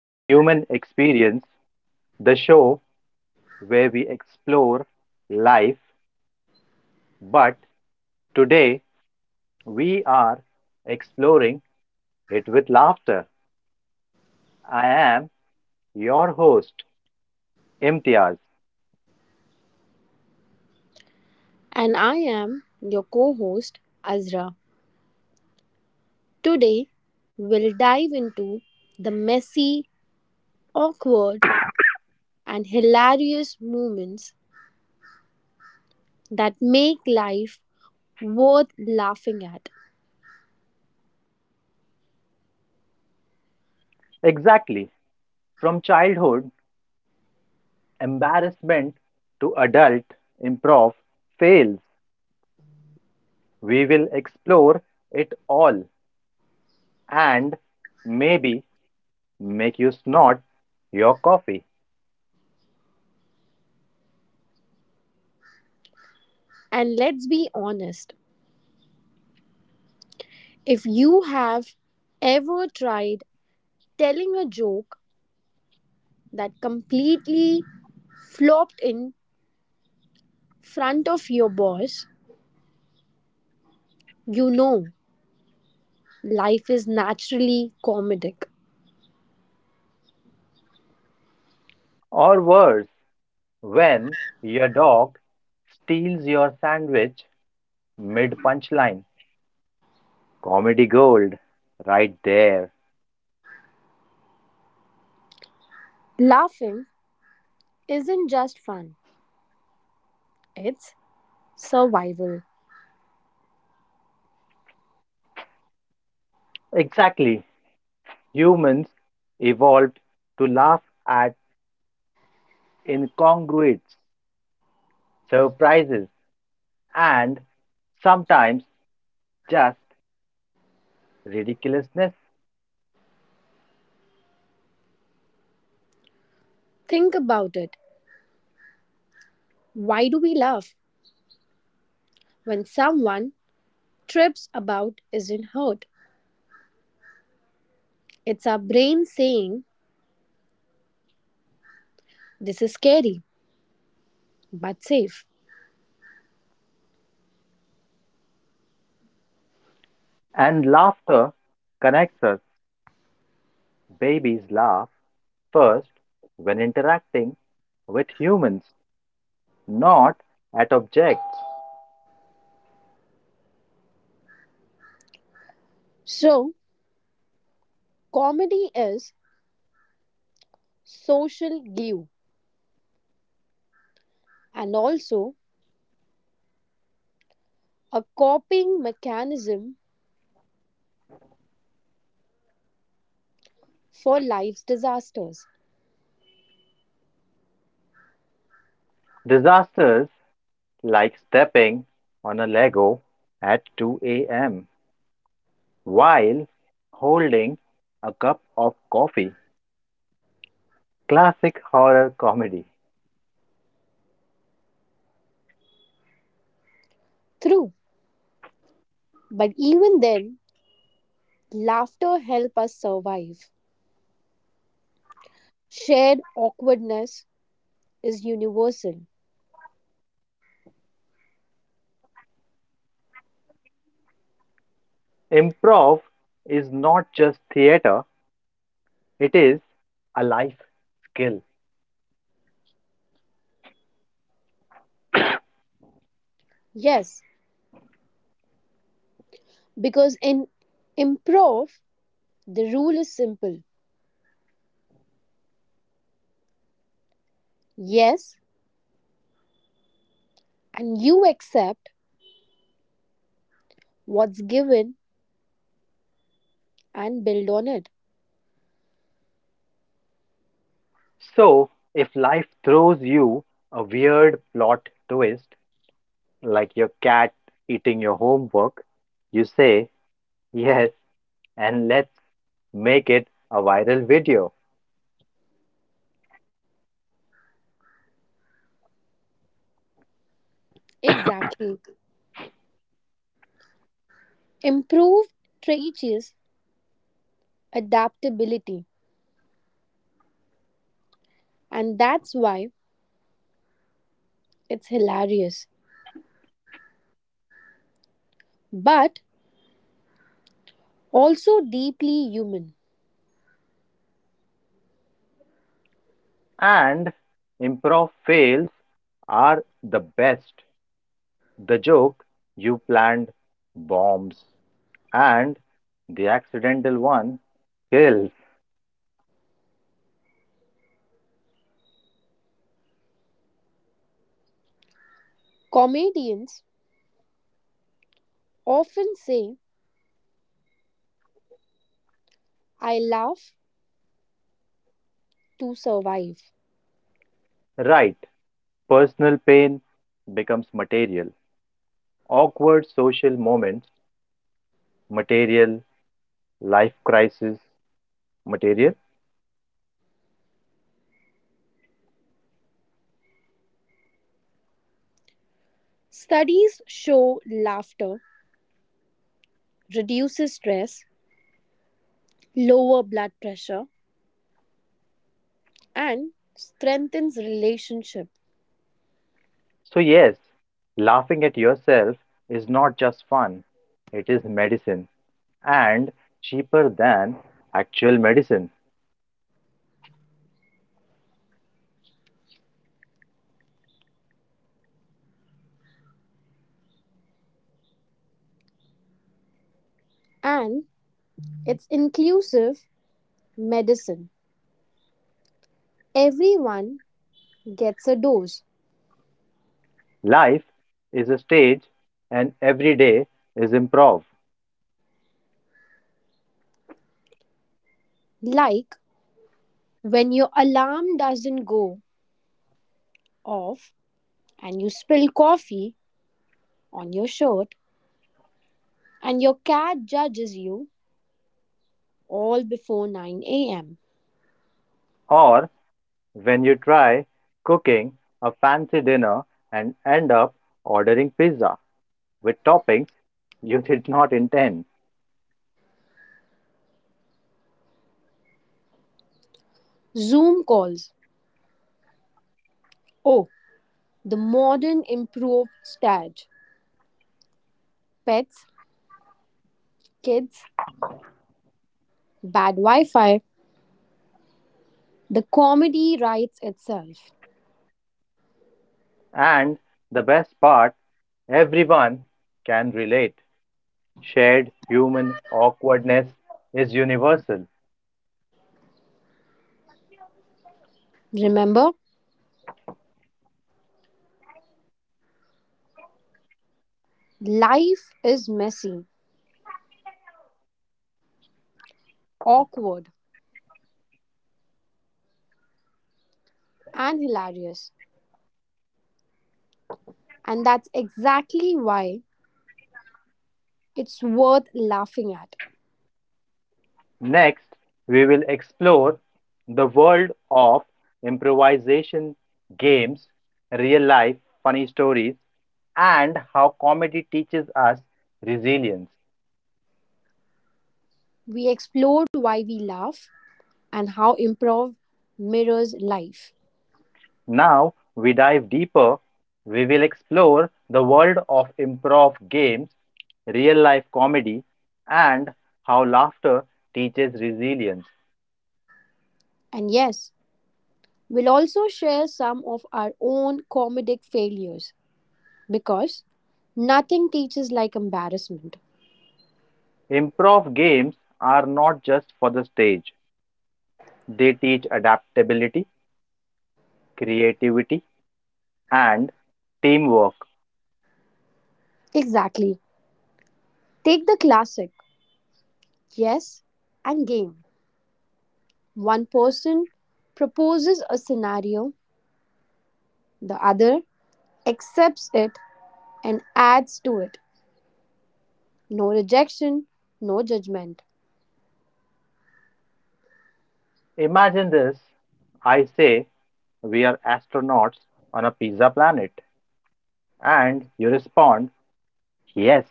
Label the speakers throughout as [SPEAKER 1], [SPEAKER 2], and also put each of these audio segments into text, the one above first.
[SPEAKER 1] to the Human Experience, the show where we explore life, but today we are exploring it with laughter. I am your host, Imtiaz.
[SPEAKER 2] And I am your co host, Azra. Today, we'll dive into the messy, awkward, and hilarious moments that make life worth laughing at.
[SPEAKER 1] Exactly, from childhood embarrassment to adult improv fails, we will explore it all and maybe make you snort your coffee,
[SPEAKER 2] And let's be honest, if you have ever tried telling a joke that completely flopped in front of your boss, you know life is naturally comedic.
[SPEAKER 1] or worse. When your dog steals your sandwich mid punchline, comedy gold right there.
[SPEAKER 2] Laughing isn't just fun, it's survival.
[SPEAKER 1] Exactly. Humans evolved to laugh at incongruities, surprises, and sometimes just ridiculousness.
[SPEAKER 2] Think about it. Why do we laugh when someone trips about isn't hurt? It's our brain saying, this is scary, but safe.
[SPEAKER 1] And laughter connects us. Babies laugh first when interacting with humans, not at objects.
[SPEAKER 2] So, comedy is social glue and also a coping mechanism for life's disasters.
[SPEAKER 1] Disasters like stepping on a Lego at 2 a.m. while holding a cup of coffee. Classic horror comedy.
[SPEAKER 2] True, but even then, laughter helps us survive. Shared awkwardness is universal.
[SPEAKER 1] Improv is not just theater, it is a life skill.
[SPEAKER 2] Yes, because in improv, the rule is simple: yes, and you accept what's given and build on it.
[SPEAKER 1] So, if life throws you a weird plot twist, like your cat eating your homework, you say yes and let's make it a viral video.
[SPEAKER 2] Exactly. Improve teaches adaptability, and that's why it's hilarious, but also deeply human.
[SPEAKER 1] And improv fails are the best. The joke you planned bombs, and the accidental one kills.
[SPEAKER 2] Comedians often say, I laugh to survive.
[SPEAKER 1] Right. Personal pain becomes material. Awkward social moments, material. Life crisis, material.
[SPEAKER 2] Studies show laughter reduces stress, lower blood pressure, and strengthens relationship,
[SPEAKER 1] So, yes, laughing at yourself is not just fun, it is medicine and cheaper than actual medicine.
[SPEAKER 2] and it's inclusive medicine. Everyone gets a dose,
[SPEAKER 1] Life is a stage and every day is improv.
[SPEAKER 2] like when your alarm doesn't go off and you spill coffee on your shirt and your cat judges you all before 9 a.m.
[SPEAKER 1] Or when you try cooking a fancy dinner and end up ordering pizza with toppings you did not intend.
[SPEAKER 2] Zoom calls, oh, the modern improved stage. Pets, kids, bad wi-fi, the comedy writes itself.
[SPEAKER 1] And the best part, everyone can relate. Shared human awkwardness is universal.
[SPEAKER 2] Remember, life is messy, awkward, and hilarious, and that's exactly why it's worth laughing at.
[SPEAKER 1] Next, we will explore the world of improvisation, games, real life funny stories, and how comedy teaches us resilience.
[SPEAKER 2] We explored why we laugh and how improv mirrors life.
[SPEAKER 1] Now we dive deeper. We will explore the world of improv games, real life comedy, and how laughter teaches resilience.
[SPEAKER 2] And yes, we'll also share some of our own comedic failures because nothing teaches like embarrassment.
[SPEAKER 1] Improv games are not just for the stage, they teach adaptability, creativity, and teamwork.
[SPEAKER 2] Exactly. Take the classic yes and game. One person proposes a scenario, the other accepts it, and adds to it. No rejection, no judgment.
[SPEAKER 1] Imagine this. I say, we are astronauts on a pizza planet. And you respond, yes.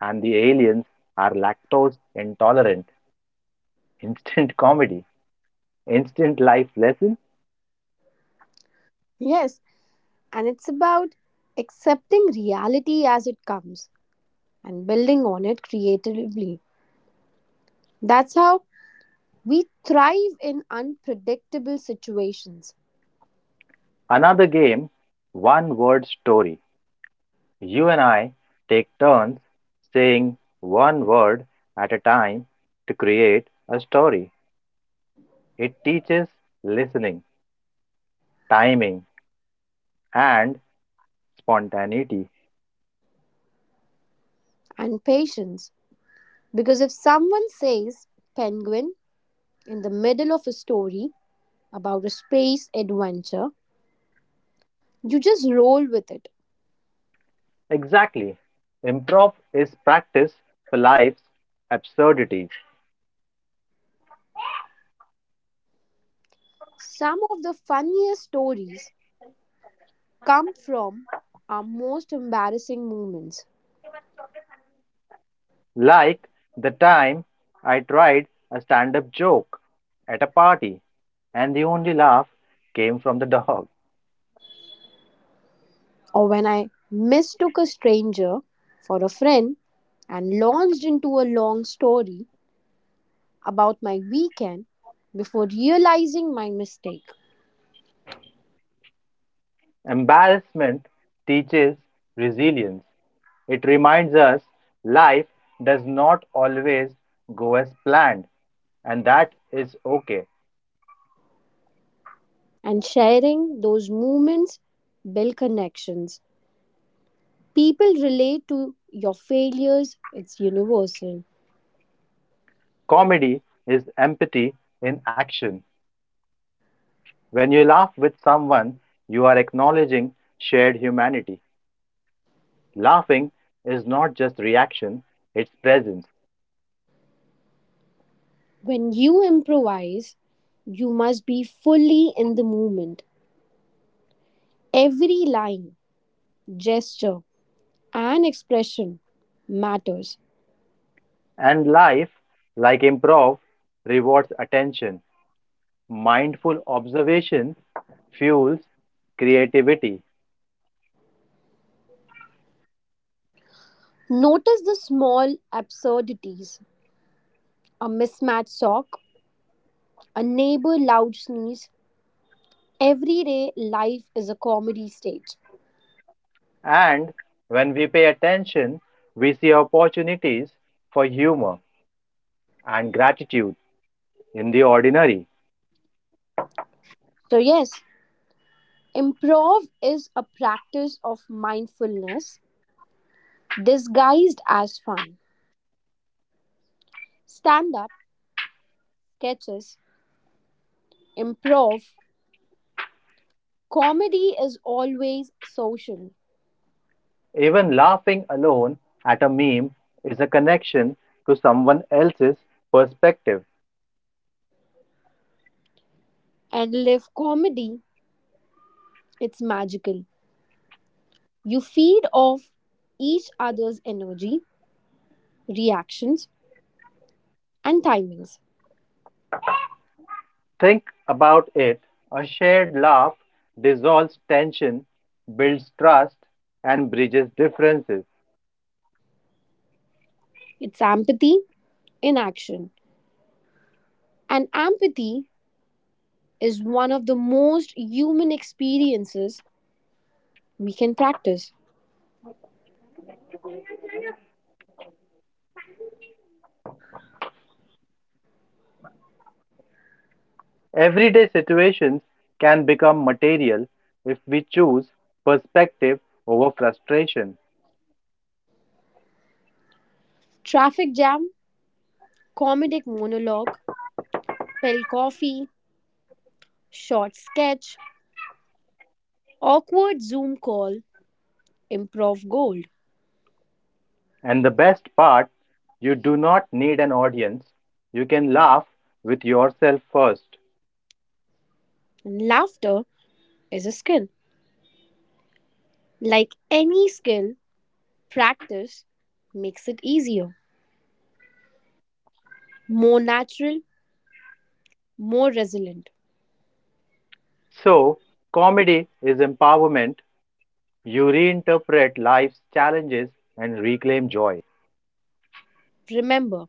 [SPEAKER 1] And the aliens are lactose intolerant. Instant comedy, instant life lesson.
[SPEAKER 2] Yes, and it's about accepting reality as it comes and building on it creatively. That's how we thrive in unpredictable situations
[SPEAKER 1] Another game, one word story. You and I take turns saying one word at a time to create a story. It teaches listening, timing, and spontaneity.
[SPEAKER 2] and patience. Because if someone says penguin in the middle of a story about a space adventure, you just roll with it.
[SPEAKER 1] Exactly. Improv is practice for life's absurdities.
[SPEAKER 2] Some of the funniest stories come from are most embarrassing moments,
[SPEAKER 1] Like the time I tried a stand up joke at a party, and the only laugh came from the dog.
[SPEAKER 2] or when I mistook a stranger for a friend and launched into a long story about my weekend before realizing my mistake.
[SPEAKER 1] Embarrassment teaches resilience. It reminds us life does not always go as planned, and that is okay.
[SPEAKER 2] And sharing those moments build connections. People relate to your failures, it's universal.
[SPEAKER 1] Comedy is empathy in action. When you laugh with someone, you are acknowledging shared humanity. Laughing is not just reaction, it's presence.
[SPEAKER 2] When you improvise, you must be fully in the moment. Every line, gesture, and expression matters.
[SPEAKER 1] And life, like improv, rewards attention. Mindful observation fuels creativity.
[SPEAKER 2] Notice the small absurdities, a mismatched sock, a neighbor loud sneeze. Everyday life is a comedy stage.
[SPEAKER 1] And when we pay attention, we see opportunities for humor and gratitude in the ordinary.
[SPEAKER 2] So, yes, improv is a practice of mindfulness disguised as fun. Stand up, sketches, improv, comedy is always social.
[SPEAKER 1] Even laughing alone at a meme is a connection to someone else's perspective.
[SPEAKER 2] And live comedy, it's magical. You feed off each other's energy, reactions, and timings.
[SPEAKER 1] Think about it. A shared laugh dissolves tension, builds trust, and bridges differences.
[SPEAKER 2] It's empathy in action. And empathy is one of the most human experiences we can practice.
[SPEAKER 1] Everyday situations can become material if we choose perspective over frustration.
[SPEAKER 2] Traffic jam, comedic monologue; spilled coffee, short sketch; awkward Zoom call, improv gold.
[SPEAKER 1] And the best part, you do not need an audience. You can laugh with yourself first.
[SPEAKER 2] And laughter is a skill. Like any skill, practice makes it easier, more natural, more resilient.
[SPEAKER 1] So, comedy is empowerment. You reinterpret life's challenges and reclaim joy.
[SPEAKER 2] Remember,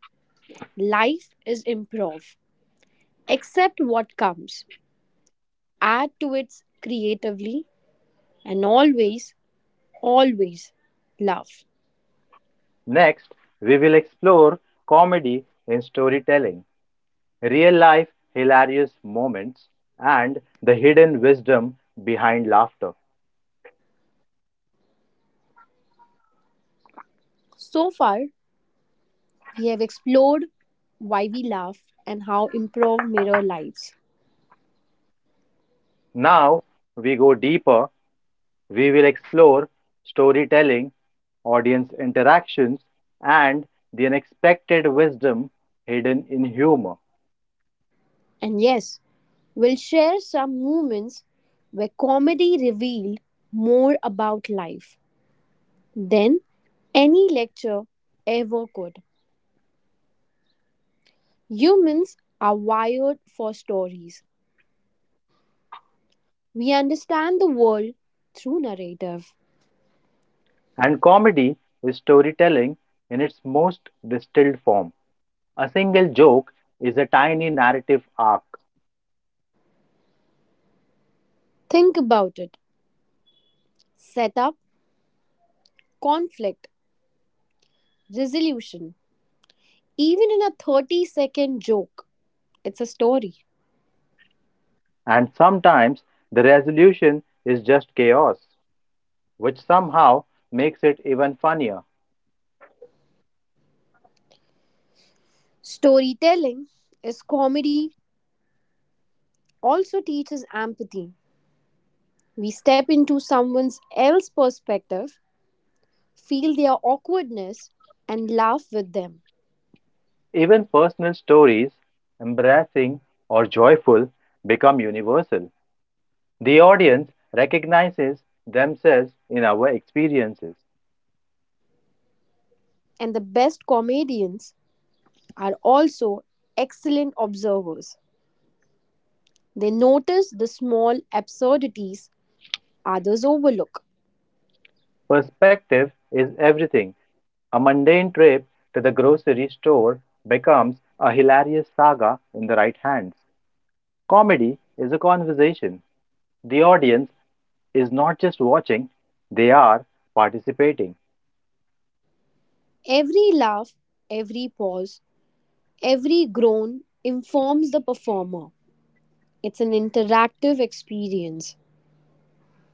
[SPEAKER 2] life is improv. Accept what comes, add to it creatively, and always, always laugh.
[SPEAKER 1] Next, we will explore comedy in storytelling, real life hilarious moments, and the hidden wisdom behind laughter.
[SPEAKER 2] So far, we have explored why we laugh and how improv mirror lives.
[SPEAKER 1] Now, we go deeper. We will explore storytelling, audience interactions, and the unexpected wisdom hidden in humor.
[SPEAKER 2] And yes, we'll share some moments where comedy revealed more about life than any lecture ever could. Humans are wired for stories. We understand the world through narrative.
[SPEAKER 1] And comedy is storytelling in its most distilled form. A single joke is a tiny narrative arc,
[SPEAKER 2] Think about it. Setup, conflict, resolution. Even in a 30-second joke, it's a story.
[SPEAKER 1] and sometimes the resolution is just chaos, which somehow makes it even funnier.
[SPEAKER 2] Storytelling is comedy, also teaches empathy. We step into someone else's perspective, feel their awkwardness, and laugh with them.
[SPEAKER 1] Even personal stories, embarrassing or joyful, become universal. The audience recognizes themselves in our experiences.
[SPEAKER 2] And the best comedians are also excellent observers. They notice the small absurdities others overlook.
[SPEAKER 1] Perspective is everything. A mundane trip to the grocery store becomes a hilarious saga in the right hands. Comedy is a conversation. The audience is not just watching, they are participating.
[SPEAKER 2] Every laugh, every pause, every groan informs the performer. It's an interactive experience.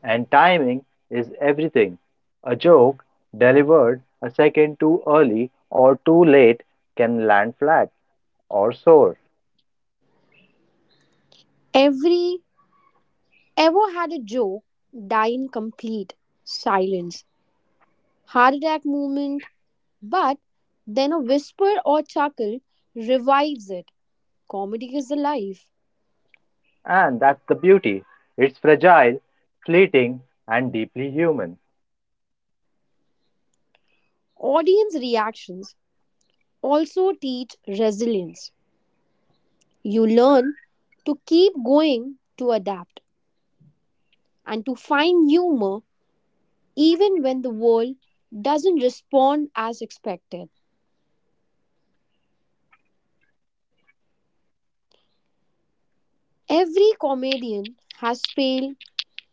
[SPEAKER 1] And timing is everything. A joke delivered a second too early or too late can land flat or soar.
[SPEAKER 2] Every ever had a joke die in complete silence. Heart attack moment, but then a whisper or chuckle revives it. Comedy is alive.
[SPEAKER 1] And that's the beauty. It's fragile, fleeting, and deeply human.
[SPEAKER 2] Audience reactions also teach resilience. You learn to keep going, to adapt, and to find humor even when the world doesn't respond as expected. Every comedian has failed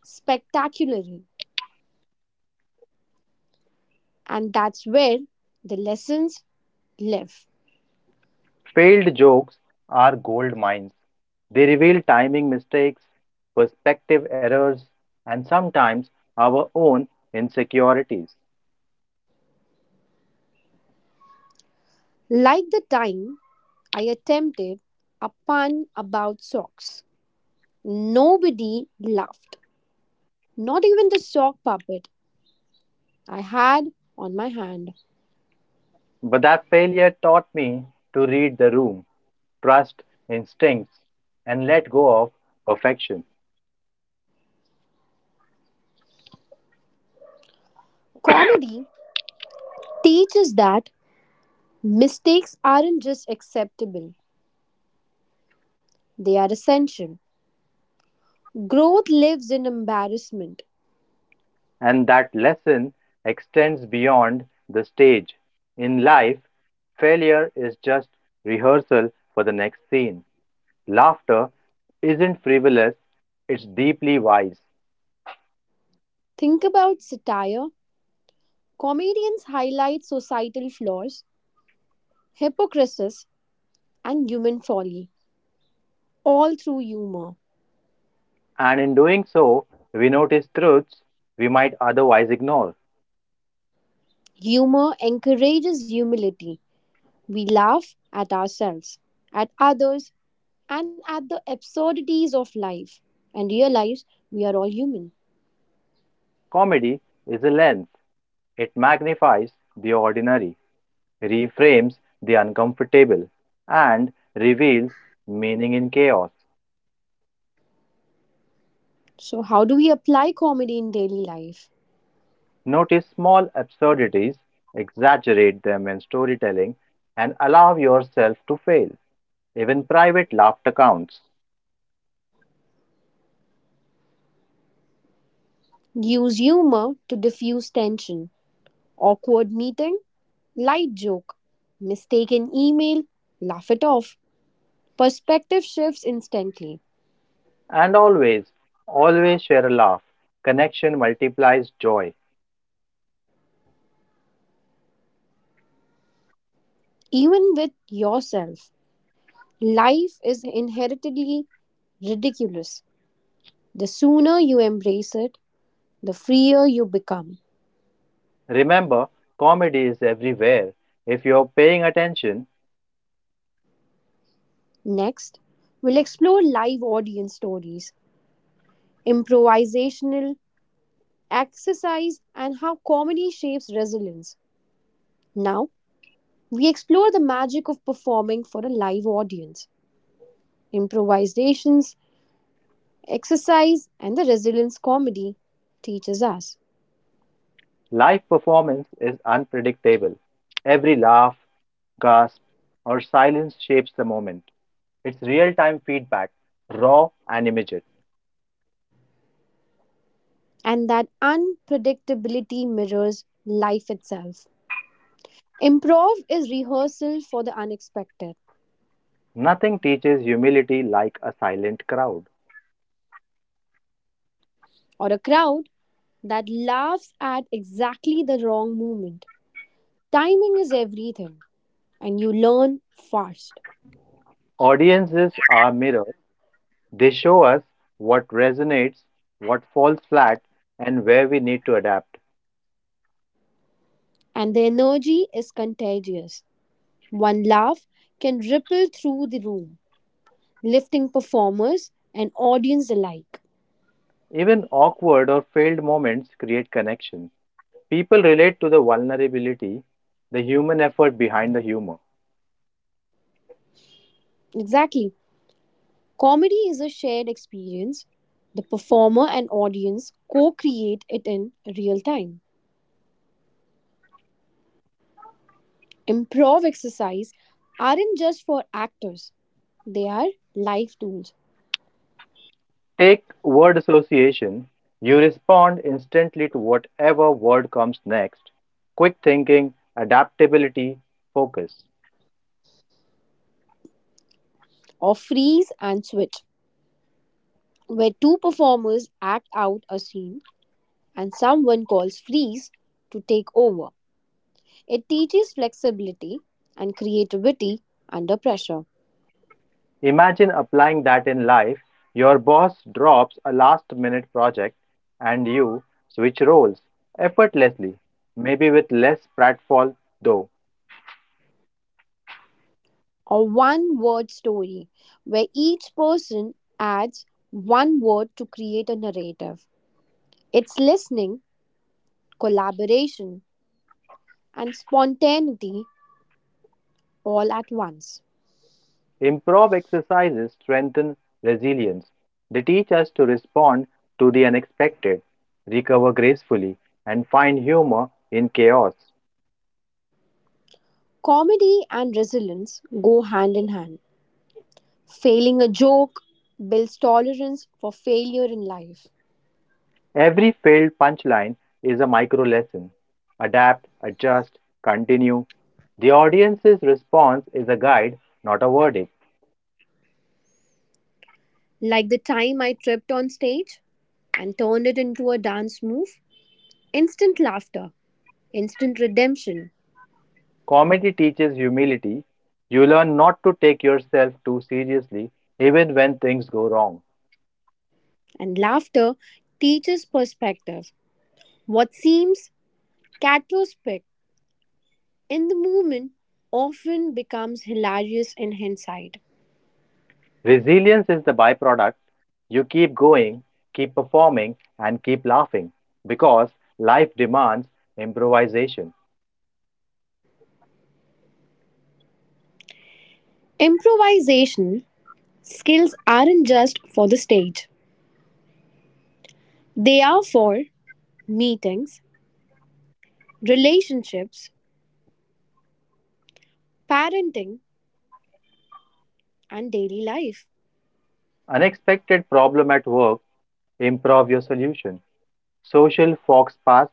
[SPEAKER 2] spectacularly, and that's where the lessons live.
[SPEAKER 1] Failed jokes are gold mines. They reveal timing mistakes, perspective errors, and sometimes our own insecurities.
[SPEAKER 2] Like the time I attempted a pun about socks. Nobody laughed, not even the sock puppet I had on my hand.
[SPEAKER 1] But that failure taught me to read the room, trust instincts, and let go of perfection.
[SPEAKER 2] Comedy teaches that mistakes aren't just acceptable, they are essential. Growth lives in embarrassment.
[SPEAKER 1] And that lesson extends beyond the stage. In life, failure is just rehearsal for the next scene. Laughter isn't frivolous, it's deeply wise.
[SPEAKER 2] Think about satire. Comedians highlight societal flaws, hypocrisies, and human folly, all through humor.
[SPEAKER 1] And in doing so, we notice truths we might otherwise ignore.
[SPEAKER 2] Humor encourages humility. We laugh at ourselves, at others, and at the absurdities of life, and realize we are all human.
[SPEAKER 1] Comedy is a lens, it magnifies the ordinary, reframes the uncomfortable, and reveals meaning in chaos.
[SPEAKER 2] So, how do we apply comedy in daily life?
[SPEAKER 1] Notice small absurdities, exaggerate them in storytelling, and allow yourself to fail. Even private laughter counts.
[SPEAKER 2] Use humor to diffuse tension. Awkward meeting, light joke; mistaken email, laugh it off. Perspective shifts instantly,
[SPEAKER 1] And always, always share a laugh. Connection multiplies joy.
[SPEAKER 2] even with yourself. Life is inherently ridiculous. The sooner you embrace it, the freer you become.
[SPEAKER 1] Remember, comedy is everywhere. If you're paying attention,
[SPEAKER 2] Next, we'll explore live audience stories, improvisational exercise, and how comedy shapes resilience. Now, we explore the magic of performing for a live audience, improvisations, exercise, and the resilience comedy teaches us.
[SPEAKER 1] live performance is unpredictable. Every laugh, gasp, or silence shapes the moment. It's real time feedback, raw and immediate.
[SPEAKER 2] And that unpredictability mirrors life itself. Improv is rehearsal for the unexpected.
[SPEAKER 1] Nothing teaches humility like a silent crowd.
[SPEAKER 2] Or a crowd that laughs at exactly the wrong moment, timing is everything, and you learn fast.
[SPEAKER 1] Audiences are mirrors, they show us what resonates, what falls flat, and where we need to adapt.
[SPEAKER 2] And the energy is contagious. One laugh can ripple through the room, lifting performers and audience alike.
[SPEAKER 1] Even awkward or failed moments create connection. People relate to the vulnerability, the human effort behind the humor.
[SPEAKER 2] Exactly. Comedy is a shared experience. The performer and audience co create it in real time. Improv exercise aren't just for actors, they are life tools.
[SPEAKER 1] Take word association. You respond instantly to whatever word comes next. Quick thinking, adaptability, focus.
[SPEAKER 2] Or freeze and switch, where two performers act out a scene and someone calls freeze to take over. It teaches flexibility and creativity under pressure.
[SPEAKER 1] Imagine applying that in life. Your boss drops a last minute project and you switch roles effortlessly, maybe with less pratfall though.
[SPEAKER 2] Or one word story, where each person adds one word to create a narrative. It's listening, collaboration, and spontaneity all at once.
[SPEAKER 1] Improv exercises strengthen resilience. They teach us to respond to the unexpected, recover gracefully, and find humor in chaos.
[SPEAKER 2] Comedy and resilience go hand in hand. Failing a joke builds tolerance for failure in life.
[SPEAKER 1] Every failed punchline is a micro lesson. Adapt, adjust, continue. The audience's response is a guide, not a verdict.
[SPEAKER 2] Like the time I tripped on stage and turned it into a dance move. Instant laughter, instant redemption.
[SPEAKER 1] Comedy teaches humility. You learn not to take yourself too seriously, even when things go wrong.
[SPEAKER 2] And laughter teaches perspective. What seems catastrophic in the moment often becomes hilarious in hindsight.
[SPEAKER 1] Resilience is the byproduct. You keep going, keep performing, and keep laughing because life demands improvisation.
[SPEAKER 2] Improvisation skills aren't just for the stage, they are for meetings, relationships, parenting, and daily life.
[SPEAKER 1] Unexpected problem at work, improv your solution. Social fox pass,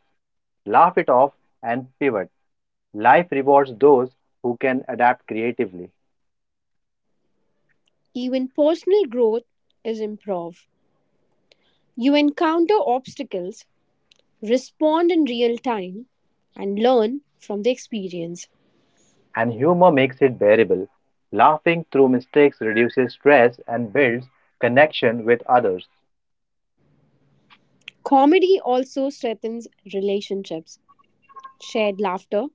[SPEAKER 1] laugh it off, and pivot. Life rewards those who can adapt creatively,
[SPEAKER 2] Even personal growth is improv. You encounter obstacles, respond in real time, and learn from the experience.
[SPEAKER 1] and humor makes it bearable. Laughing through mistakes reduces stress and builds connection with others.
[SPEAKER 2] Comedy also strengthens relationships. Shared laughter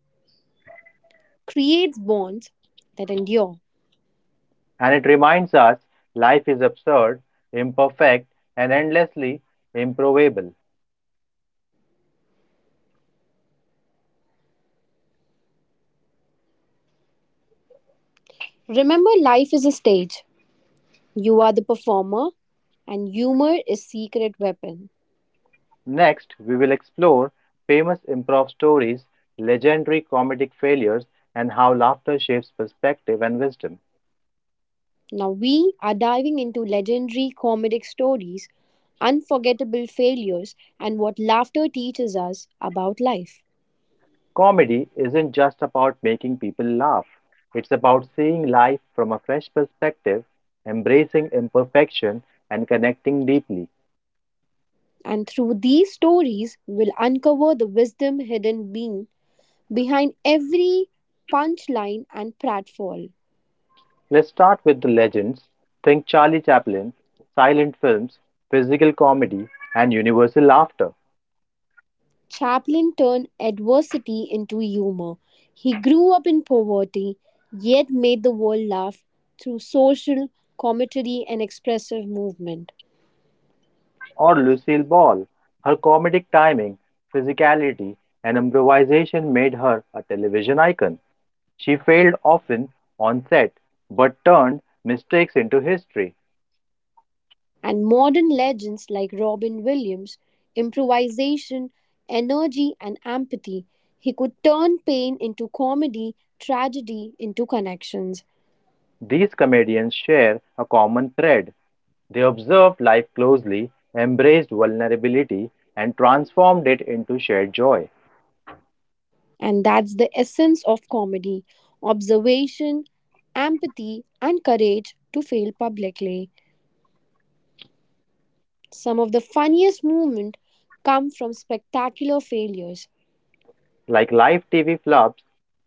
[SPEAKER 2] creates bonds that endure.
[SPEAKER 1] And it reminds us life is absurd, imperfect, and endlessly improvable.
[SPEAKER 2] Remember, life is a stage. You are the performer, and humor is secret weapon.
[SPEAKER 1] Next, we will explore famous improv stories, legendary comedic failures, and how laughter shapes perspective and wisdom.
[SPEAKER 2] Now we are diving into legendary comedic stories, unforgettable failures, and what laughter teaches us about life.
[SPEAKER 1] Comedy isn't just about making people laugh, it's about seeing life from a fresh perspective, embracing imperfection, and connecting deeply.
[SPEAKER 2] And through these stories, we'll uncover the wisdom hidden being behind every punchline and pratfall.
[SPEAKER 1] Let's start with the legends. Think Charlie Chaplin, silent films, physical comedy, and universal laughter.
[SPEAKER 2] Chaplin turned adversity into humor. He grew up in poverty, yet made the world laugh through social commentary and expressive movement.
[SPEAKER 1] Or Lucille Ball. Her comedic timing, physicality, and improvisation made her a television icon. She failed often on set, but turned mistakes into history.
[SPEAKER 2] And modern legends like Robin Williams, improvisation, energy, and empathy, he could turn pain into comedy, tragedy into connections.
[SPEAKER 1] These comedians share a common thread. They observed life closely, embraced vulnerability, and transformed it into shared joy.
[SPEAKER 2] And that's the essence of comedy: observation, empathy, and courage to fail publicly. Some of the funniest moments come from spectacular failures,
[SPEAKER 1] Like live TV flops,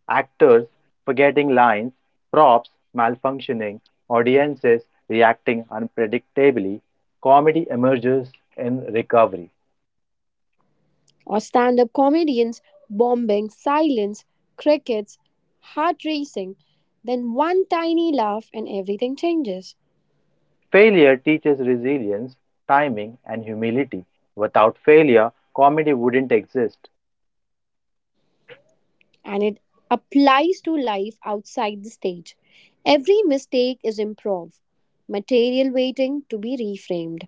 [SPEAKER 1] actors forgetting lines, props malfunctioning, audiences reacting unpredictably, comedy emerges in recovery.
[SPEAKER 2] or stand up comedians bombing, silence, crickets, heart racing. Then one tiny laugh and everything changes.
[SPEAKER 1] Failure teaches resilience, timing, and humility. Without failure, comedy wouldn't exist.
[SPEAKER 2] And it applies to life outside the stage. Every mistake is improv, material waiting to be reframed.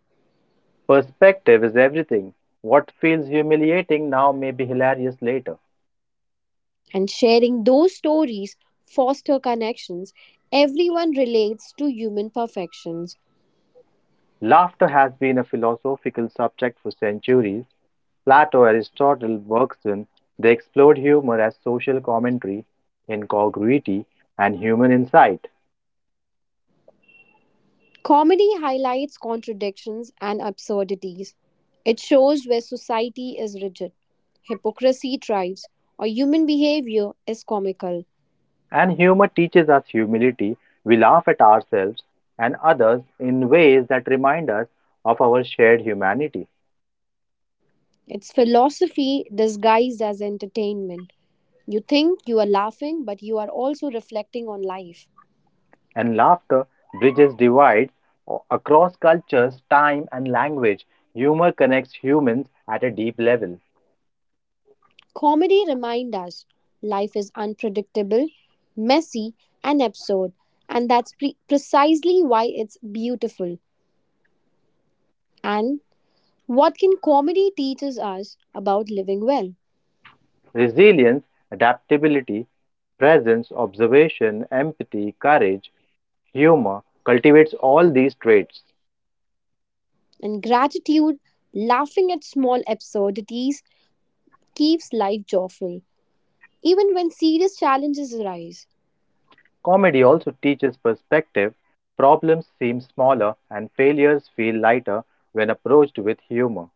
[SPEAKER 1] Perspective is everything. What feels humiliating now may be hilarious later.
[SPEAKER 2] And sharing those stories foster connections. Everyone relates to human perfections.
[SPEAKER 1] Laughter has been a philosophical subject for centuries, Plato, Aristotle, Bergson, they explored humor as social commentary, incongruity, and human insight.
[SPEAKER 2] Comedy highlights contradictions and absurdities. It shows where society is rigid, hypocrisy thrives, or human behavior is comical.
[SPEAKER 1] And humor teaches us humility. We laugh at ourselves and others in ways that remind us of our shared humanity.
[SPEAKER 2] It's philosophy disguised as entertainment. You think you are laughing, but you are also reflecting on life.
[SPEAKER 1] And laughter bridges divides across cultures, time, and language. Humor connects humans at a deep level.
[SPEAKER 2] Comedy reminds us life is unpredictable, messy, and absurd, and that's precisely why it's beautiful. And what can comedy teaches us about living well?
[SPEAKER 1] Resilience, adaptability, presence, observation, empathy, courage, humor cultivates all these traits.
[SPEAKER 2] And gratitude, laughing at small absurdities, keeps life joyful, even when serious challenges arise.
[SPEAKER 1] Comedy also teaches perspective. Problems seem smaller and failures feel lighter when approached with humor.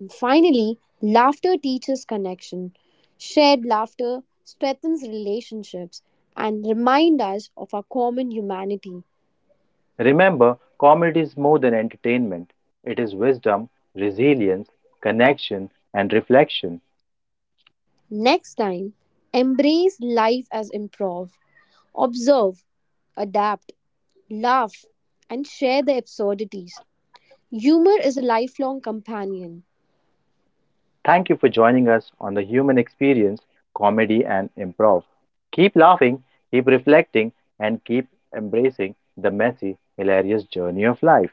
[SPEAKER 2] And finally, laughter teaches connection. Shared laughter strengthens relationships and remind us of our common humanity.
[SPEAKER 1] Remember, comedy is more than entertainment, it is wisdom, resilience, connection, and reflection.
[SPEAKER 2] Next time, embrace life as improv. Observe, adapt, laugh, and share the absurdities. Humor is a lifelong companion.
[SPEAKER 1] Thank you for joining us on the Human Experience, comedy, and improv. Keep laughing, keep reflecting, and keep embracing the messy, hilarious journey of life.